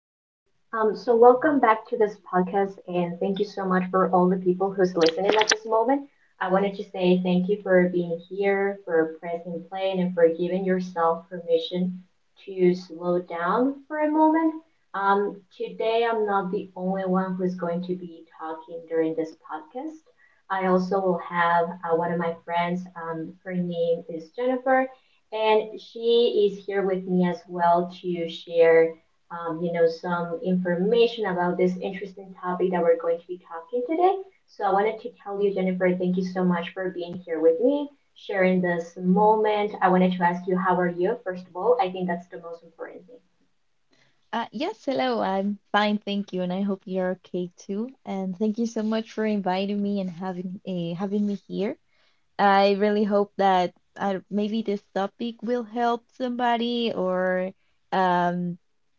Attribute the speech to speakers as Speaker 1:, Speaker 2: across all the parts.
Speaker 1: So welcome back to this podcast, and thank you so much for all the people who's listening at this moment. I wanted to say thank you for being here, for pressing play, and for giving yourself permission to slow down for a moment. Today, I'm not the only one who's going to be talking during this podcast. I also will have one of my friends. Her name is Jennifer, and she is here with me as well to share some information about this interesting topic that we're going to be talking today. So I wanted to tell you, Jennifer, thank you so much for being here with me, sharing this moment. I wanted to ask you, how are you? First of all, I think that's the most important thing.
Speaker 2: Yes, hello. I'm fine, thank you, and I hope you're okay too. And thank you so much for inviting me and having me here. I really hope that maybe this topic will help somebody, or um,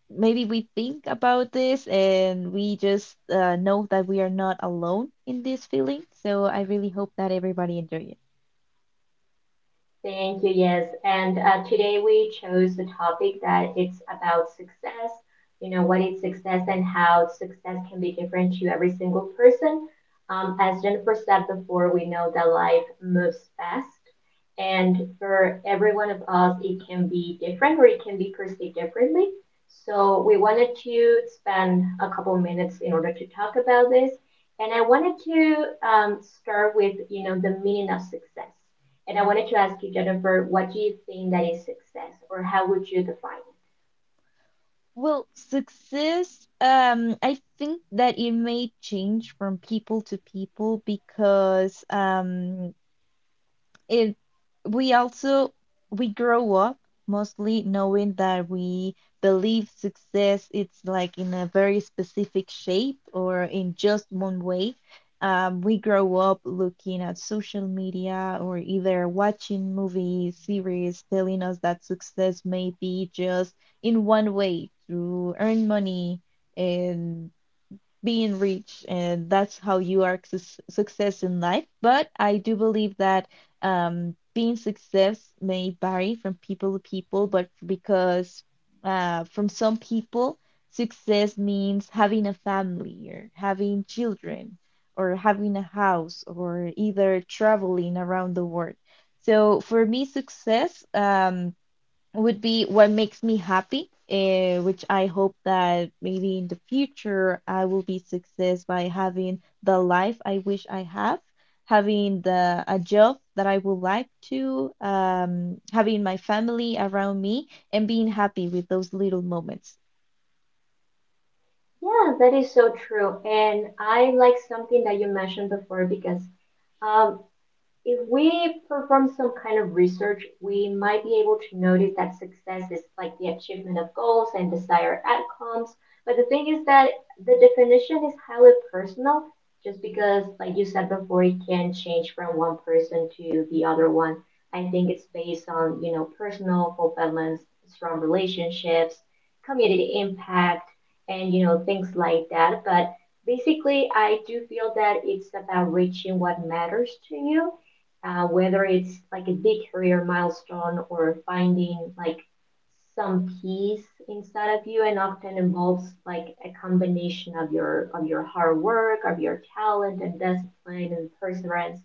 Speaker 2: maybe we think about this and we just know that we are not alone in this feeling. So I really hope that everybody enjoy it.
Speaker 1: Thank you. Yes. And today we chose the topic that it's about success. You know, what is success and how success can be different to every single person. As Jennifer said before, we know that life moves fast. And for every one of us, it can be different or it can be perceived differently. So we wanted to spend a couple minutes in order to talk about this. And I wanted to start with, the meaning of success, and I wanted to ask you, Jennifer, what do you think that is success, or how would you define it?
Speaker 2: Well, success, I think that it may change from people to people because it we also we grow up mostly knowing that we believe success it's like in a very specific shape or in just one way, we grow up looking at social media or either watching movies series telling us that success may be just in one way to earn money be in reach and that's how you are success in life. But I do believe that being success may vary from people to people. But because from some people success means having a family or having children or having a house or either traveling around the world. So for me success would be what makes me happy, eh, which I hope that maybe in the future I will be success by having the life I wish I have, having the a job that I would like to, having my family around me, and being happy with those little moments.
Speaker 1: Yeah, that is so true. And I like something that you mentioned before, because um, if we perform some kind of research, we might be able to notice that success is like the achievement of goals and desired outcomes. But the thing is that the definition is highly personal, just because, like you said before, it can change from one person to the other one. I think it's based on, personal fulfillments, strong relationships, community impact, and, things like that. But basically, I do feel that it's about reaching what matters to you, whether it's like a big career milestone or finding like some peace inside of you, and often involves like a combination of your hard work, of your talent, and discipline, and perseverance.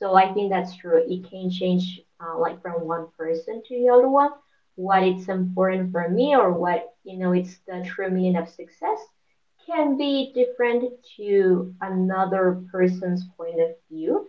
Speaker 1: So I think that's true. It can change like from one person to the other one. What it's important for me, or what it's the true meaning of success, can be different to another person's point of view.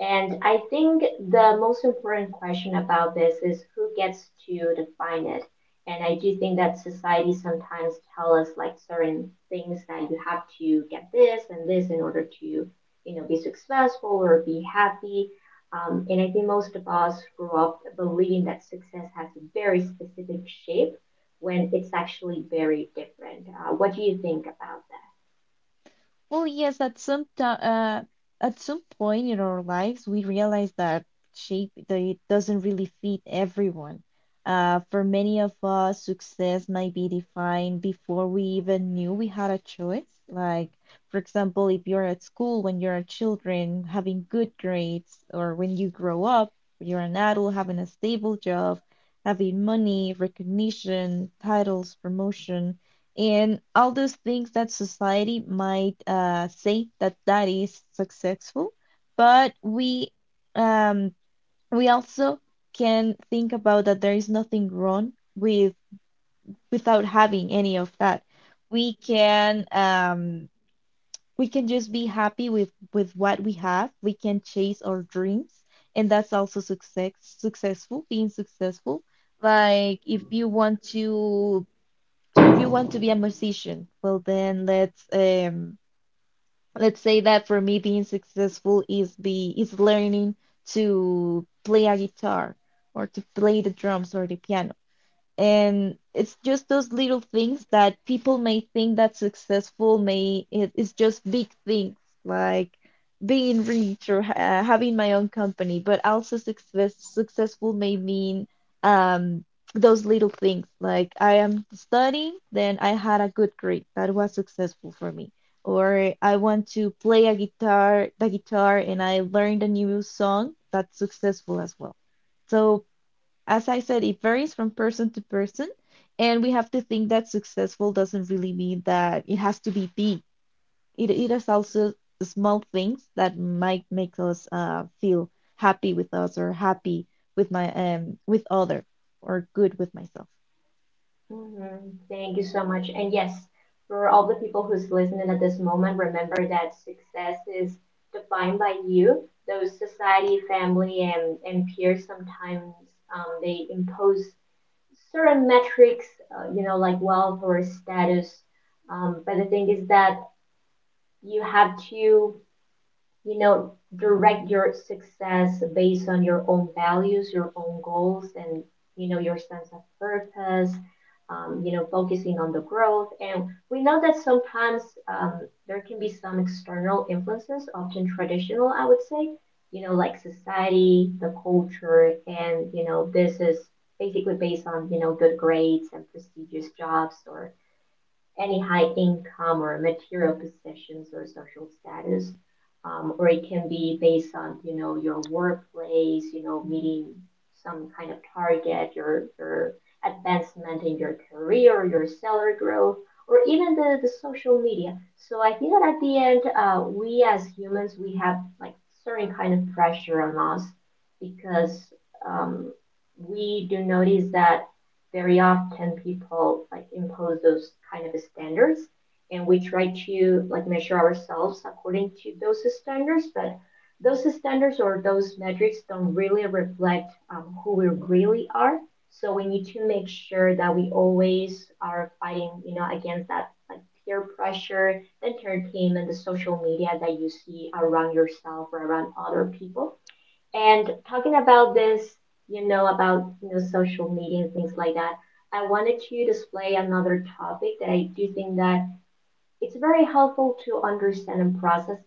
Speaker 1: And I think the most important question about this is who gets to define it. And I do think that society sometimes tell us like certain things that you have to get this and this in order to, be successful or be happy. And I think most of us grew up believing that success has a very specific shape, when it's actually very different. What do you think about that?
Speaker 2: Well, yes, at some time, at some point in our lives, we realize that shape that it doesn't really fit everyone. For many of us, success might be defined before we even knew we had a choice. Like, for example, if you're at school when you're a children, having good grades, or when you grow up, you're an adult, having a stable job, having money, recognition, titles, promotion and all those things that society might say that that is successful. But we, um, we also can think about that there is nothing wrong with without having any of that. We can, we can just be happy with what we have. We can chase our dreams and that's also successful, being successful. Like if you want to, if you want to be a musician, well then let's say that for me being successful is be is learning to play a guitar or to play the drums or the piano. And it's just those little things that people may think that successful may it's just big things like being rich or ha having my own company. But also successful may mean um those little things like I am studying, then I had a good grade. That was successful for me. Or I want to play the guitar, and I learned a new song. That's successful as well. So as I said, it varies from person to person, and we have to think that successful doesn't really mean that it has to be big. It is also small things that might make us feel happy with us or happy with my with other or good with myself.
Speaker 1: Mhm. Thank you so much. And yes, for all the people who's listening at this moment, remember that success is defined by you. Those society, family, and peers sometimes they impose certain metrics, like wealth or status. But the thing is that you have to you know direct your success based on your own values, your own goals, and your sense of purpose, focusing on the growth. And we know that sometimes um, there can be some external influences, often traditional, I would say, like society, the culture, and this is basically based on good grades and prestigious jobs, or any high income or material possessions or social status, or it can be based on your workplace, meeting some kind of target, your advancement in your career, your salary growth, or even the social media. So I think that at the end, we as humans we have like certain kind of pressure on us, because um, we do notice that very often people like impose those kind of standards, and we try to like measure ourselves according to those standards, but those standards or those metrics don't really reflect who we really are. So we need to make sure that we always are fighting against that, like peer pressure, the entertainment, the social media that you see around yourself or around other people. And talking about this, about social media and things like that, I wanted to display another topic that I do think that it's very helpful to understand and process,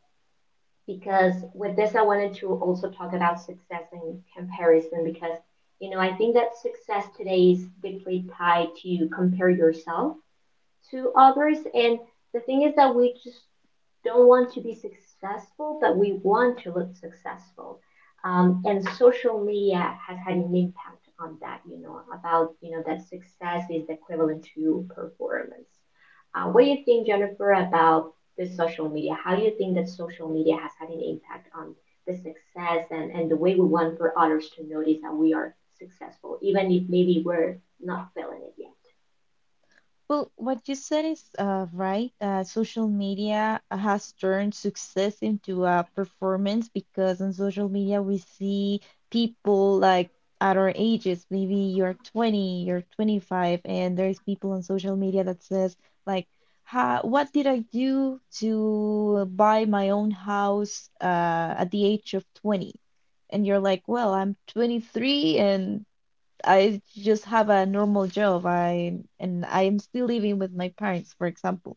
Speaker 1: because with this I wanted to also talk about success and comparison, because I think that success today is deeply tied to compare yourself to others. And the thing is that we just don't want to be successful, but we want to look successful. And social media has had an impact on that, about, that success is equivalent to performance. What do you think, Jennifer, about the social media? How do you think that social media has had an impact on the success, and the way we want for others to notice that we are successful, even if maybe we're not feeling it yet?
Speaker 2: Well, what you said is right. Social media has turned success into a performance because on social media we see people like at our ages. Maybe you're 20, you're 25, and there's people on social media that says like, "Ha, what did I do to buy my own house at the age of 20?" And you're like, "Well, I'm 23 and I just have a normal job. I and I am still living with my parents," for example.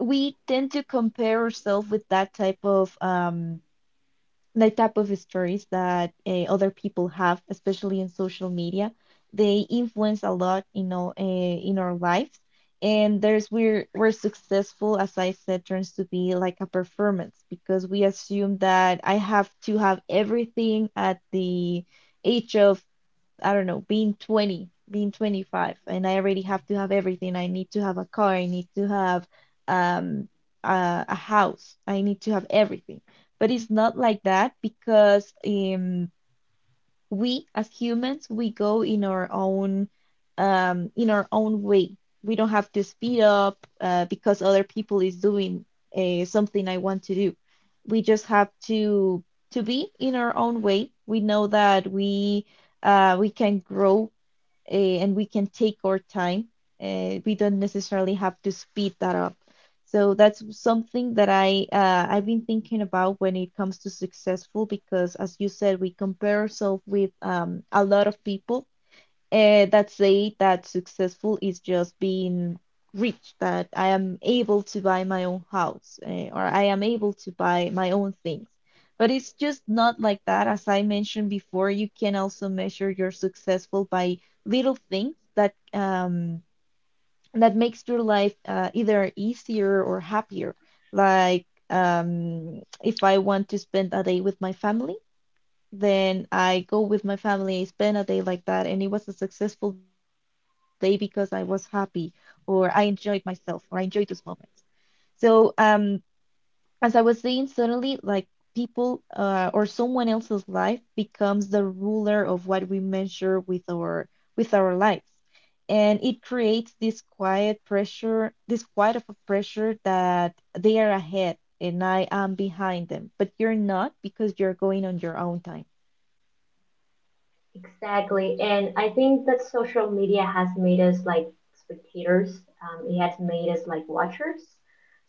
Speaker 2: We tend to compare ourselves with that type of stories that other people have, especially in social media. They influence a lot, you know, in our lives. And there's where successful, as I said, turns to be like a performance because we assume that I have to have everything at the age of, I don't know, being 20, being 25, and I already have to have everything. I need to have a car, I need to have um, a house, I need to have everything. But it's not like that because, we as humans we go in our own way. We don't have to speed up because other people is doing something I want to do. We just have to be in our own way. We know that we can grow, eh, and we can take our time. We don't necessarily have to speed that up. So that's something that I've been thinking about when it comes to successful because, as you said, we compare ourselves with, a lot of people, that say that successful is just being rich, that I am able to buy my own house or I am able to buy my own things. But it's just not like that. As I mentioned before, you can also measure your successful by little things that, that makes your life either easier or happier. Like, if I want to spend a day with my family, then I go with my family, I spend a day like that, and it was a successful day because I was happy, or I enjoyed myself, or I enjoyed those moments. So, as I was saying, suddenly, like people, or someone else's life becomes the ruler of what we measure with our lives, and it creates this quiet pressure, this quiet of a pressure that they are ahead and I am behind them, but you're not because you're going on your own time.
Speaker 1: Exactly. And I think that social media has made us like spectators. It has made us like watchers.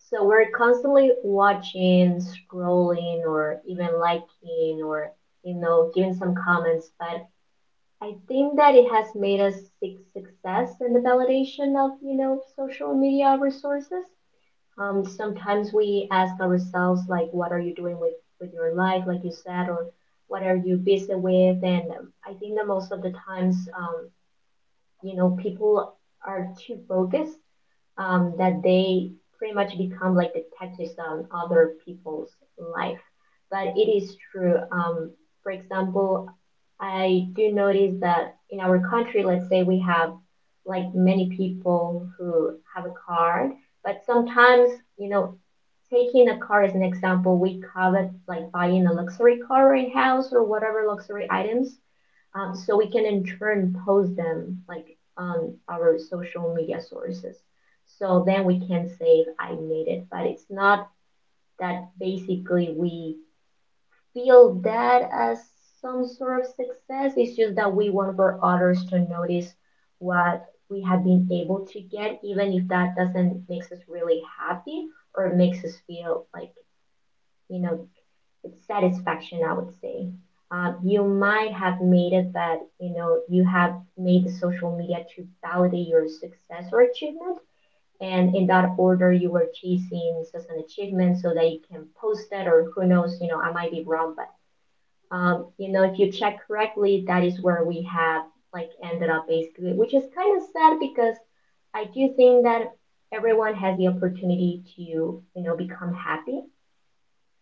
Speaker 1: So we're constantly watching, scrolling, or even liking, or, giving some comments. But I think that it has made us seek success and the validation of, social media resources. Sometimes we ask ourselves like what are you doing with your life, like you said, or what are you busy with, and I think that most of the times, people are too focused, that they pretty much become like detectives on other people's life. But it is true, for example, I do notice that in our country, let's say we have like many people who have a card, but sometimes, you know, taking a car as an example, we covet like buying a luxury car in house or whatever luxury items, so we can in turn post them like on our social media sources. So then we can say I made it, but it's not that basically we feel that as some sort of success. It's just that we want for others to notice what we have been able to get, even if that doesn't makes us really happy or makes us feel like you know it's satisfaction. I would say, you might have made it that you have made the social media to validate your success or achievement. And in that order, you were chasing such an achievement so that you can post that, or who knows, I might be wrong, but if you check correctly, that is where we have like ended up basically, which is kind of sad, because I do think that everyone has the opportunity to, become happy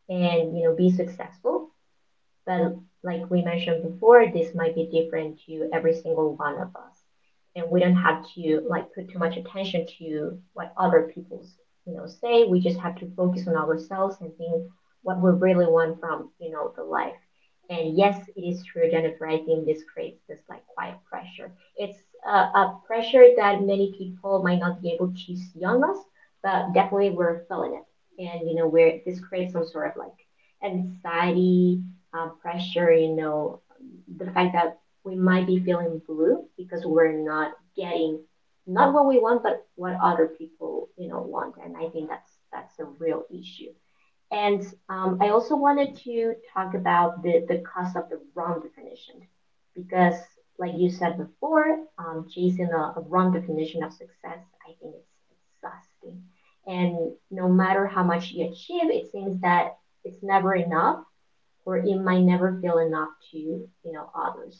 Speaker 1: and, be successful. But like we mentioned before, this might be different to every single one of us. And we don't have to like put too much attention to what other people's say. We just have to focus on ourselves and think what we really want from the life. And yes, it is true, Jennifer. I think this creates this like quiet pressure. It's a pressure that many people might not be able to see on us, but definitely we're feeling it. And you know, we're this creates some sort of like anxiety, pressure, the fact that we might be feeling blue because we're not getting not what we want, but what other people, want. And I think that's a real issue. And I also wanted to talk about the cost of the wrong definition, because, like you said before, chasing a wrong definition of success, I think it's exhausting. And no matter how much you achieve, it seems that it's never enough, or it might never feel enough to others.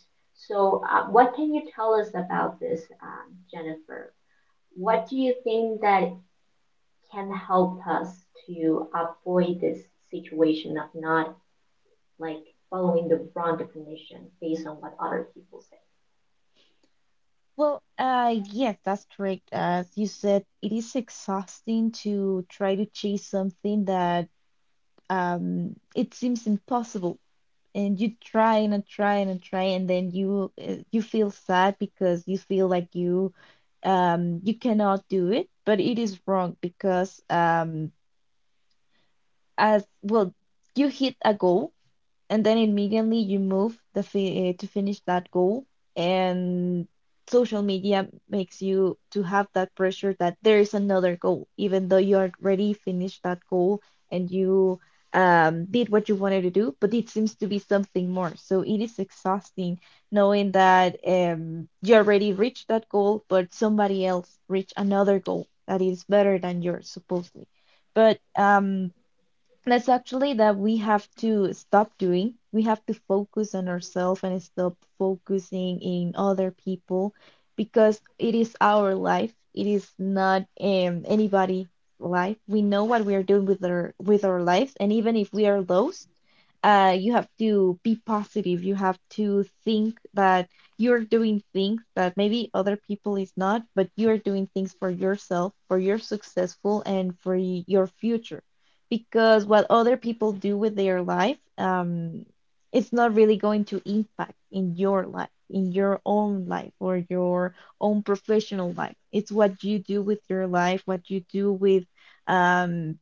Speaker 1: So, what can you tell us about this, Jennifer? What do you think that can help us to avoid this situation of not like following the wrong definition based on what other people say?
Speaker 2: Well, yes, that's correct. As you said, it is exhausting to try to chase something that it seems impossible, and you try and try and try, and then you you feel sad because you feel like you cannot do it. But it is wrong because, as well you hit a goal and then immediately you move the fi to finish that goal. And social media makes you to have that pressure that there is another goal even though you already finished that goal and you, did what you wanted to do. But it seems to be something more, so it is exhausting knowing that, you already reached that goal but somebody else reached another goal that is better than yours supposedly. But, that's actually that we have to stop doing. We have to focus on ourselves and stop focusing in other people because it is our life. It is not, anybody's life. We know what we are doing with our lives, and even if we are lost, you have to be positive. You have to think that you're doing things that maybe other people is not, but you are doing things for yourself, for your successful, and for your future. Because what other people do with their life, it's not really going to impact in your life, in your own life or your own professional life. It's what you do with your life, what you do with, um,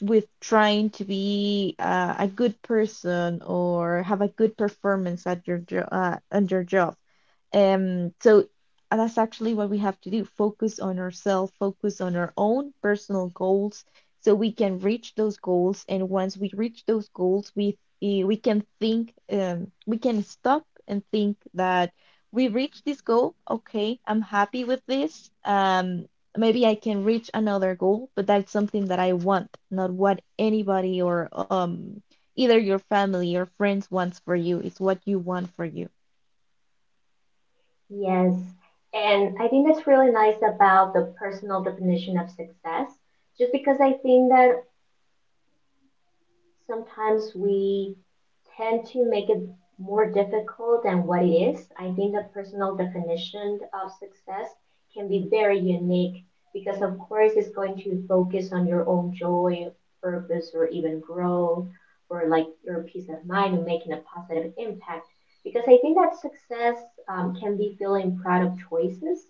Speaker 2: with trying to be a good person or have a good performance at your on your job. So that's actually what we have to do. Focus on ourselves, focus on our own personal goals so we can reach those goals. And once we reach those goals, we, we can think, we can stop and think that we reached this goal. Okay, I'm happy with this. Maybe I can reach another goal, but that's something that I want, not what anybody or, either your family or friends wants for you. It's what you want for you.
Speaker 1: Yes, and I think that's really nice about the personal definition of success. Just because I think that sometimes we tend to make it more difficult than what it is. I think the personal definition of success can be very unique, because, of course, it's going to focus on your own joy, purpose, or even growth, or like your peace of mind and making a positive impact. Because I think that success can be feeling proud of choices,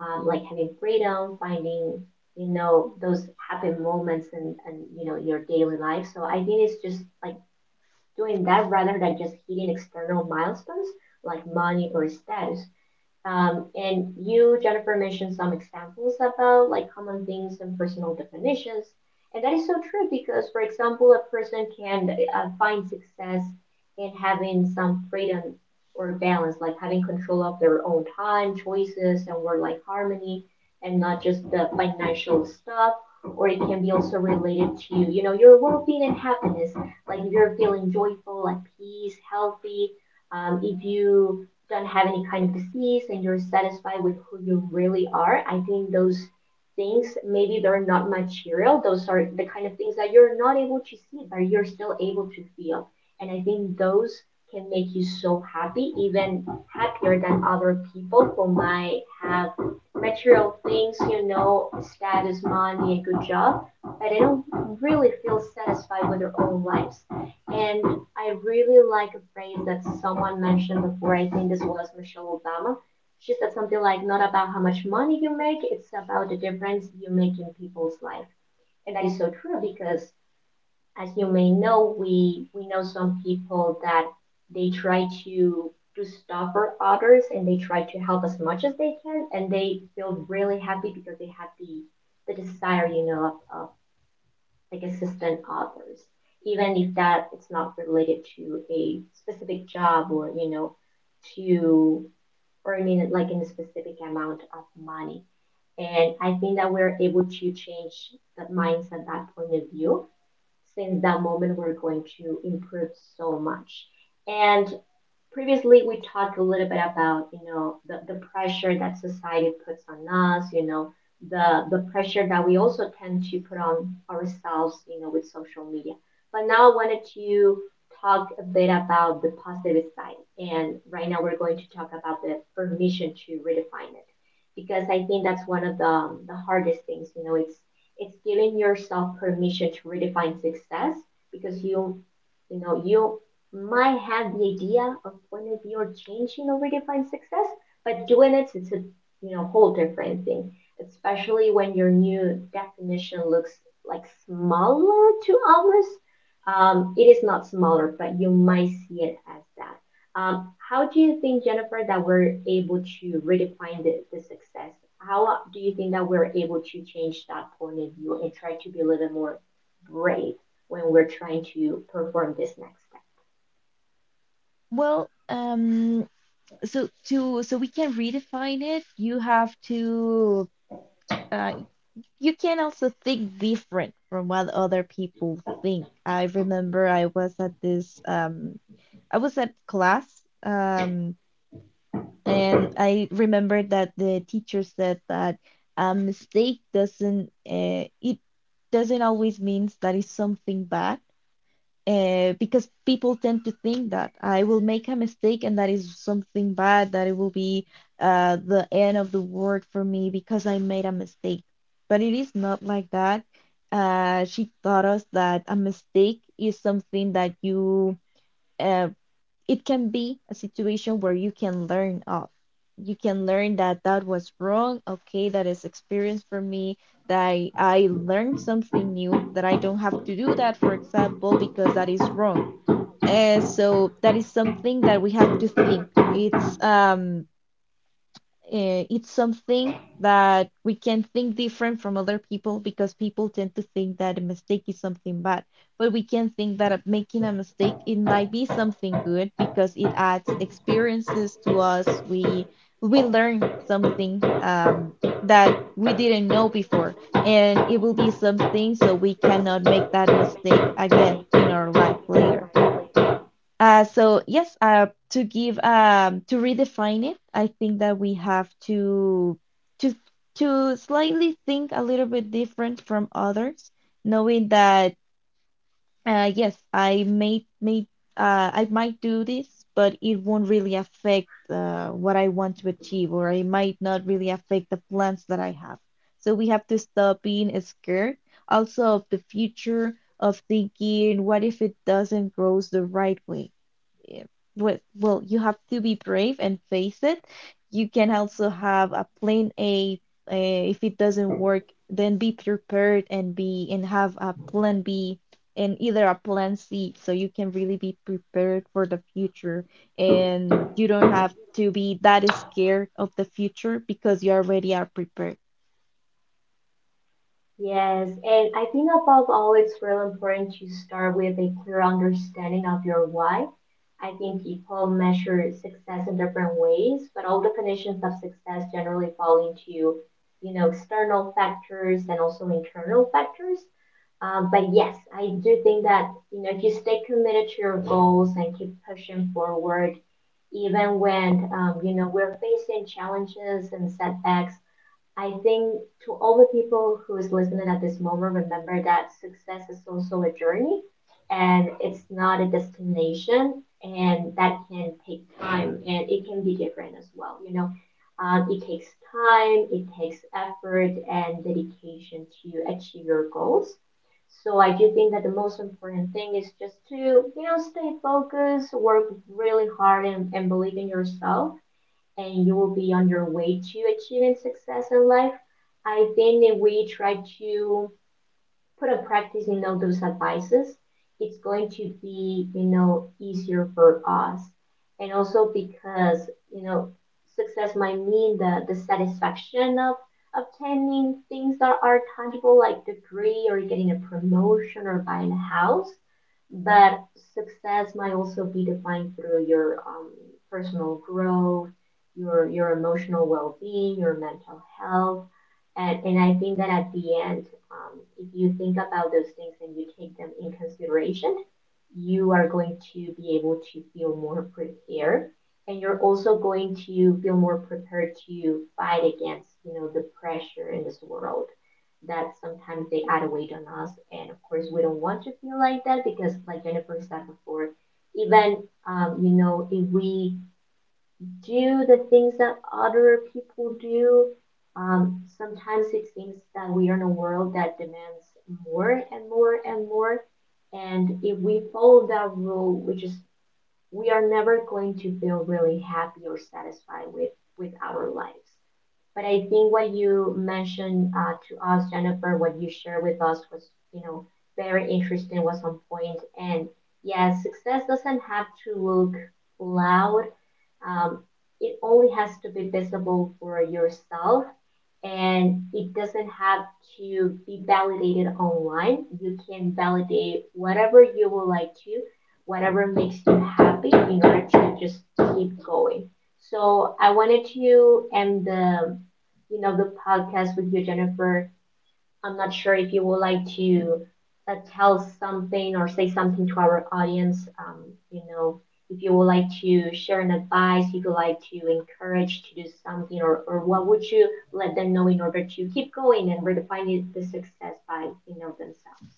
Speaker 1: like having freedom, finding those happy moments and your daily life. So I think it's just like doing that rather than just hitting external milestones like money or status, and you, Jennifer, mentioned some examples about like common things and personal definitions. And that is so true because, for example, a person can find success in having some freedom or balance, like having control of their own time, choices, and work life harmony, and not just the financial stuff. Or it can be also related to, your well-being and happiness. Like if you're feeling joyful, at peace, healthy, if you don't have any kind of disease and you're satisfied with who you really are, I think those things maybe they're not material. Those are the kind of things that you're not able to see, but you're still able to feel. And I think those can make you so happy, even happier than other people who might have material things, status, money, a good job, but they don't really feel satisfied with their own lives. And I really like a phrase that someone mentioned before. I think this was Michelle Obama. She said something like, "Not about how much money you make, it's about the difference you make in people's life." And that is so true because, as you may know, we know some people that they try to do stuff for others and they try to help as much as they can, and they feel really happy because they have the desire, of like assistant authors, even if that it's not related to a specific job or to earning like in a specific amount of money. And I think that we're able to change that mindset, that point of view, since that moment we're going to improve so much. And previously we talked a little bit about the pressure that society puts on us, the pressure that we also tend to put on ourselves with social media. But now I wanted to talk a bit about the positive side. And right now we're going to talk about the permission to redefine it because I think that's one of the hardest things. It's giving yourself permission to redefine success, because you might have the idea of point of view or changing or redefine success, but doing it, it's a whole different thing. Especially when your new definition looks like smaller to others. It is not smaller, but you might see it as that. How do you think, Jennifer, that we're able to redefine the success? How do you think that we're able to change that point of view and try to be a little more brave when we're trying to perform this next step?
Speaker 2: Well, so we can redefine it, you have to uh you can also think different from what other people think. I remember I was at this I was at class, and I remember that the teacher said that a mistake doesn't it doesn't always means that it's something bad. Because people tend to think that I will make a mistake and that is something bad, that it will be the end of the world for me because I made a mistake. But it is not like that. She taught us that a mistake is something that you, uh, it can be a situation where you can learn of you can learn that that was wrong. Okay, that is experience for me that I learned something new that I don't have to do that for example because that is wrong. So that is something that we have to think, it's, it's something that we can think different from other people because people tend to think that a mistake is something bad. But we can think that making a mistake, it might be something good because it adds experiences to us. We learn something that we didn't know before, and it will be something so we cannot make that mistake again in our life later.
Speaker 1: Yes,
Speaker 2: So yes, to give to redefine it, I think that we have to to slightly think a little bit different from others, knowing that yes, I may I might do this, but it won't really affect what I want to achieve, or it might not really affect the plans that I have. So we have to stop being scared also of the future, of thinking, what if it doesn't grows the right way? eh, well, you have to be brave and face it. You can also have a plan A. Uh, if it doesn't work, then be prepared and be and have a plan B and either a plan C, so you can really be prepared for the future and you don't have to be that scared of the future because you already are prepared.
Speaker 1: and I think above all, it's really important to start with a clear understanding of your why. I think people measure success in different ways, but all definitions of success generally fall into, external factors and also internal factors. But yes, I do think that if you stay committed to your goals and keep pushing forward, even when we're facing challenges and setbacks, I think to all the people who is listening at this moment, remember that success is also a journey and it's not a destination and that can take time and it can be different as well. It takes time, it takes effort and dedication to achieve your goals. So I do think that the most important thing is just to, stay focused, work really hard and believe in yourself and you will be on your way to achieving success in life. I think if we try to put a practice practicing all those advices, it's going to be, easier for us. And also because, you know, success might mean the satisfaction of obtaining things that are tangible like degree or getting a promotion or buying a house. But success might also be defined through your personal growth, your emotional well-being, your mental health, and I think that at the end, if you think about those things and you take them in consideration, you are going to be able to feel more prepared. And you're also going to feel more prepared to fight against, the pressure in this world that sometimes they add weight on us. And of course, we don't want to feel like that because, like Jennifer said before, even, if we do the things that other people do. Sometimes it seems that we are in a world that demands more and more and more. And if we follow that rule, we are never going to feel really happy or satisfied with our lives. But I think what you mentioned to us, Jennifer, what you shared with us was, you know, very interesting, was on point. And yes, success doesn't have to look loud. Um, it only has to be visible for yourself and it doesn't have to be validated online. You can validate whatever you would like to, whatever makes you happy in order to just keep going. So I wanted to end the podcast with you, Jennifer. I'm not sure if you would like to tell something or say something to our audience. You know, if you would like to share an advice, if you like to encourage to do something, or what would you let them know in order to keep going and redefine the success by themselves?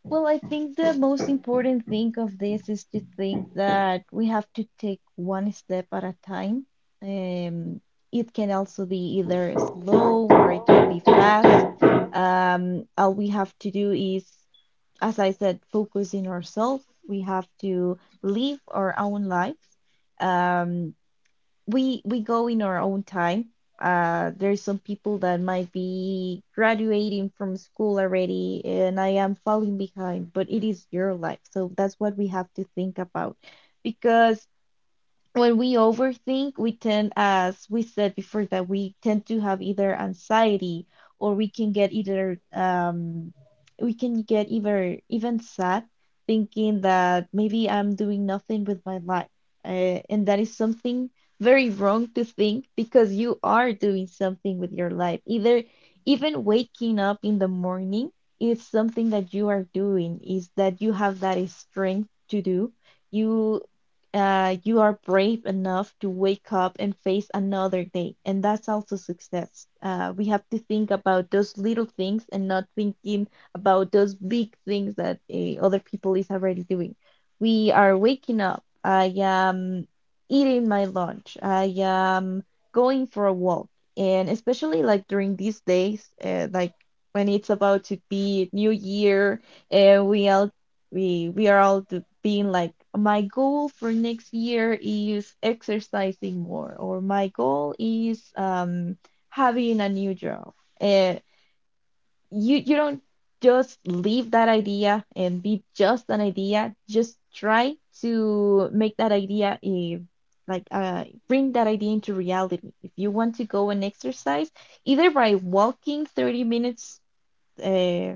Speaker 2: Well, I think the most important thing of this is to think that we have to take one step at a time. Um, it can also be either slow or it could be fast. All we have to do is, as I said, focus in ourselves. We have to live our own lives. Um, we go in our own time. There's some people that might be graduating from school already, and I am falling behind, but it is your life, so that's what we have to think about. Because when we overthink, we tend, as we said before, that we tend to have either anxiety or we can get either we can get either even sad thinking that maybe I'm doing nothing with my life. And that is something very wrong to think because you are doing something with your life. Either even waking up in the morning is something that you are doing, is that you have that strength to do you you are brave enough to wake up and face another day. And that's also success. We have to think about those little things and not thinking about those big things that other people is already doing. We are waking up. I am eating my lunch. I am going for a walk. And especially like during these days, like when it's about to be New Year, and we are all being like my goal for next year is exercising more or my goal is having a new job, uh, you don't just leave that idea and be just an idea, just try to make that idea a, like, bring that idea into reality. If you want to go and exercise either by walking 30 minutes uh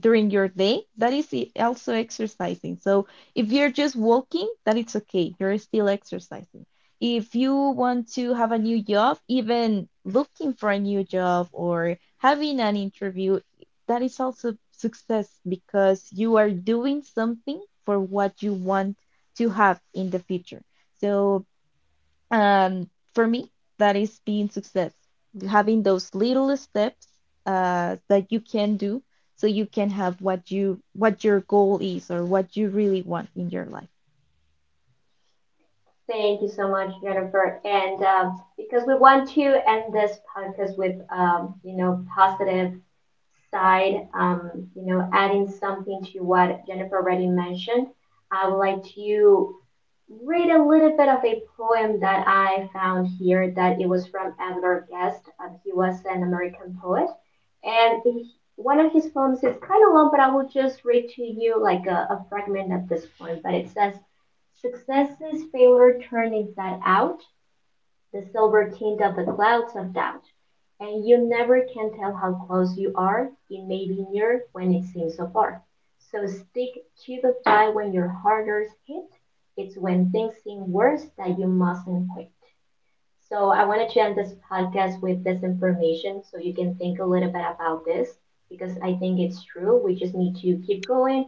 Speaker 2: during your day, that is also exercising. So if you're just walking, that it's okay. You're still exercising. If you want to have a new job, even looking for a new job or having an interview, that is also success because you are doing something for what you want to have in the future. So um, for me, that is being success, having those little steps that you can do so you can have what you what your goal is or what you really want in your life.
Speaker 1: Thank you so much, Jennifer. And because we want to end this podcast with positive side, adding something to what Jennifer already mentioned, I would like to read a little bit of a poem that I found here that it was from Edward Guest. He was an American poet, and he, one of his poems is kind of long, but I will just read to you like a fragment of this poem. But it says, "Successes, failure, turn inside out the silver tint of the clouds of doubt, and you never can tell how close you are. It may be near when it seems so far. So stick to the fight when your hardest hit. It's when things seem worse that you mustn't quit." So I wanted to end this podcast with this information so you can think a little bit about this because I think it's true. We just need to keep going,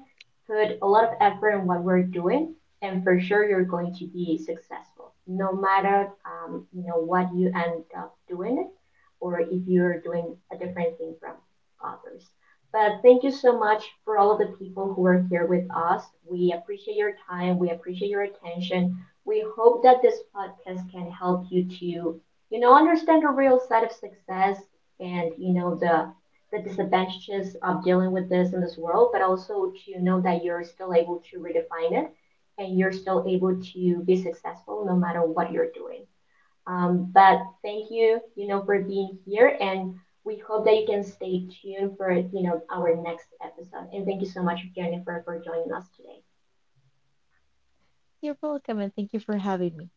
Speaker 1: put a lot of effort in what we're doing, and for sure you're going to be successful. No matter what you end up doing it, or if you're doing a different thing from others. But thank you so much for all of the people who are here with us. We appreciate your time. We appreciate your attention. We hope that this podcast can help you to, understand the real side of success and, the disadvantages of dealing with this in this world, but also to know that you're still able to redefine it and you're still able to be successful no matter what you're doing. But thank you, for being here and we hope that you can stay tuned for, our next episode. And thank you so much, Jennifer, for joining us today.
Speaker 2: You're welcome, and thank you for having me.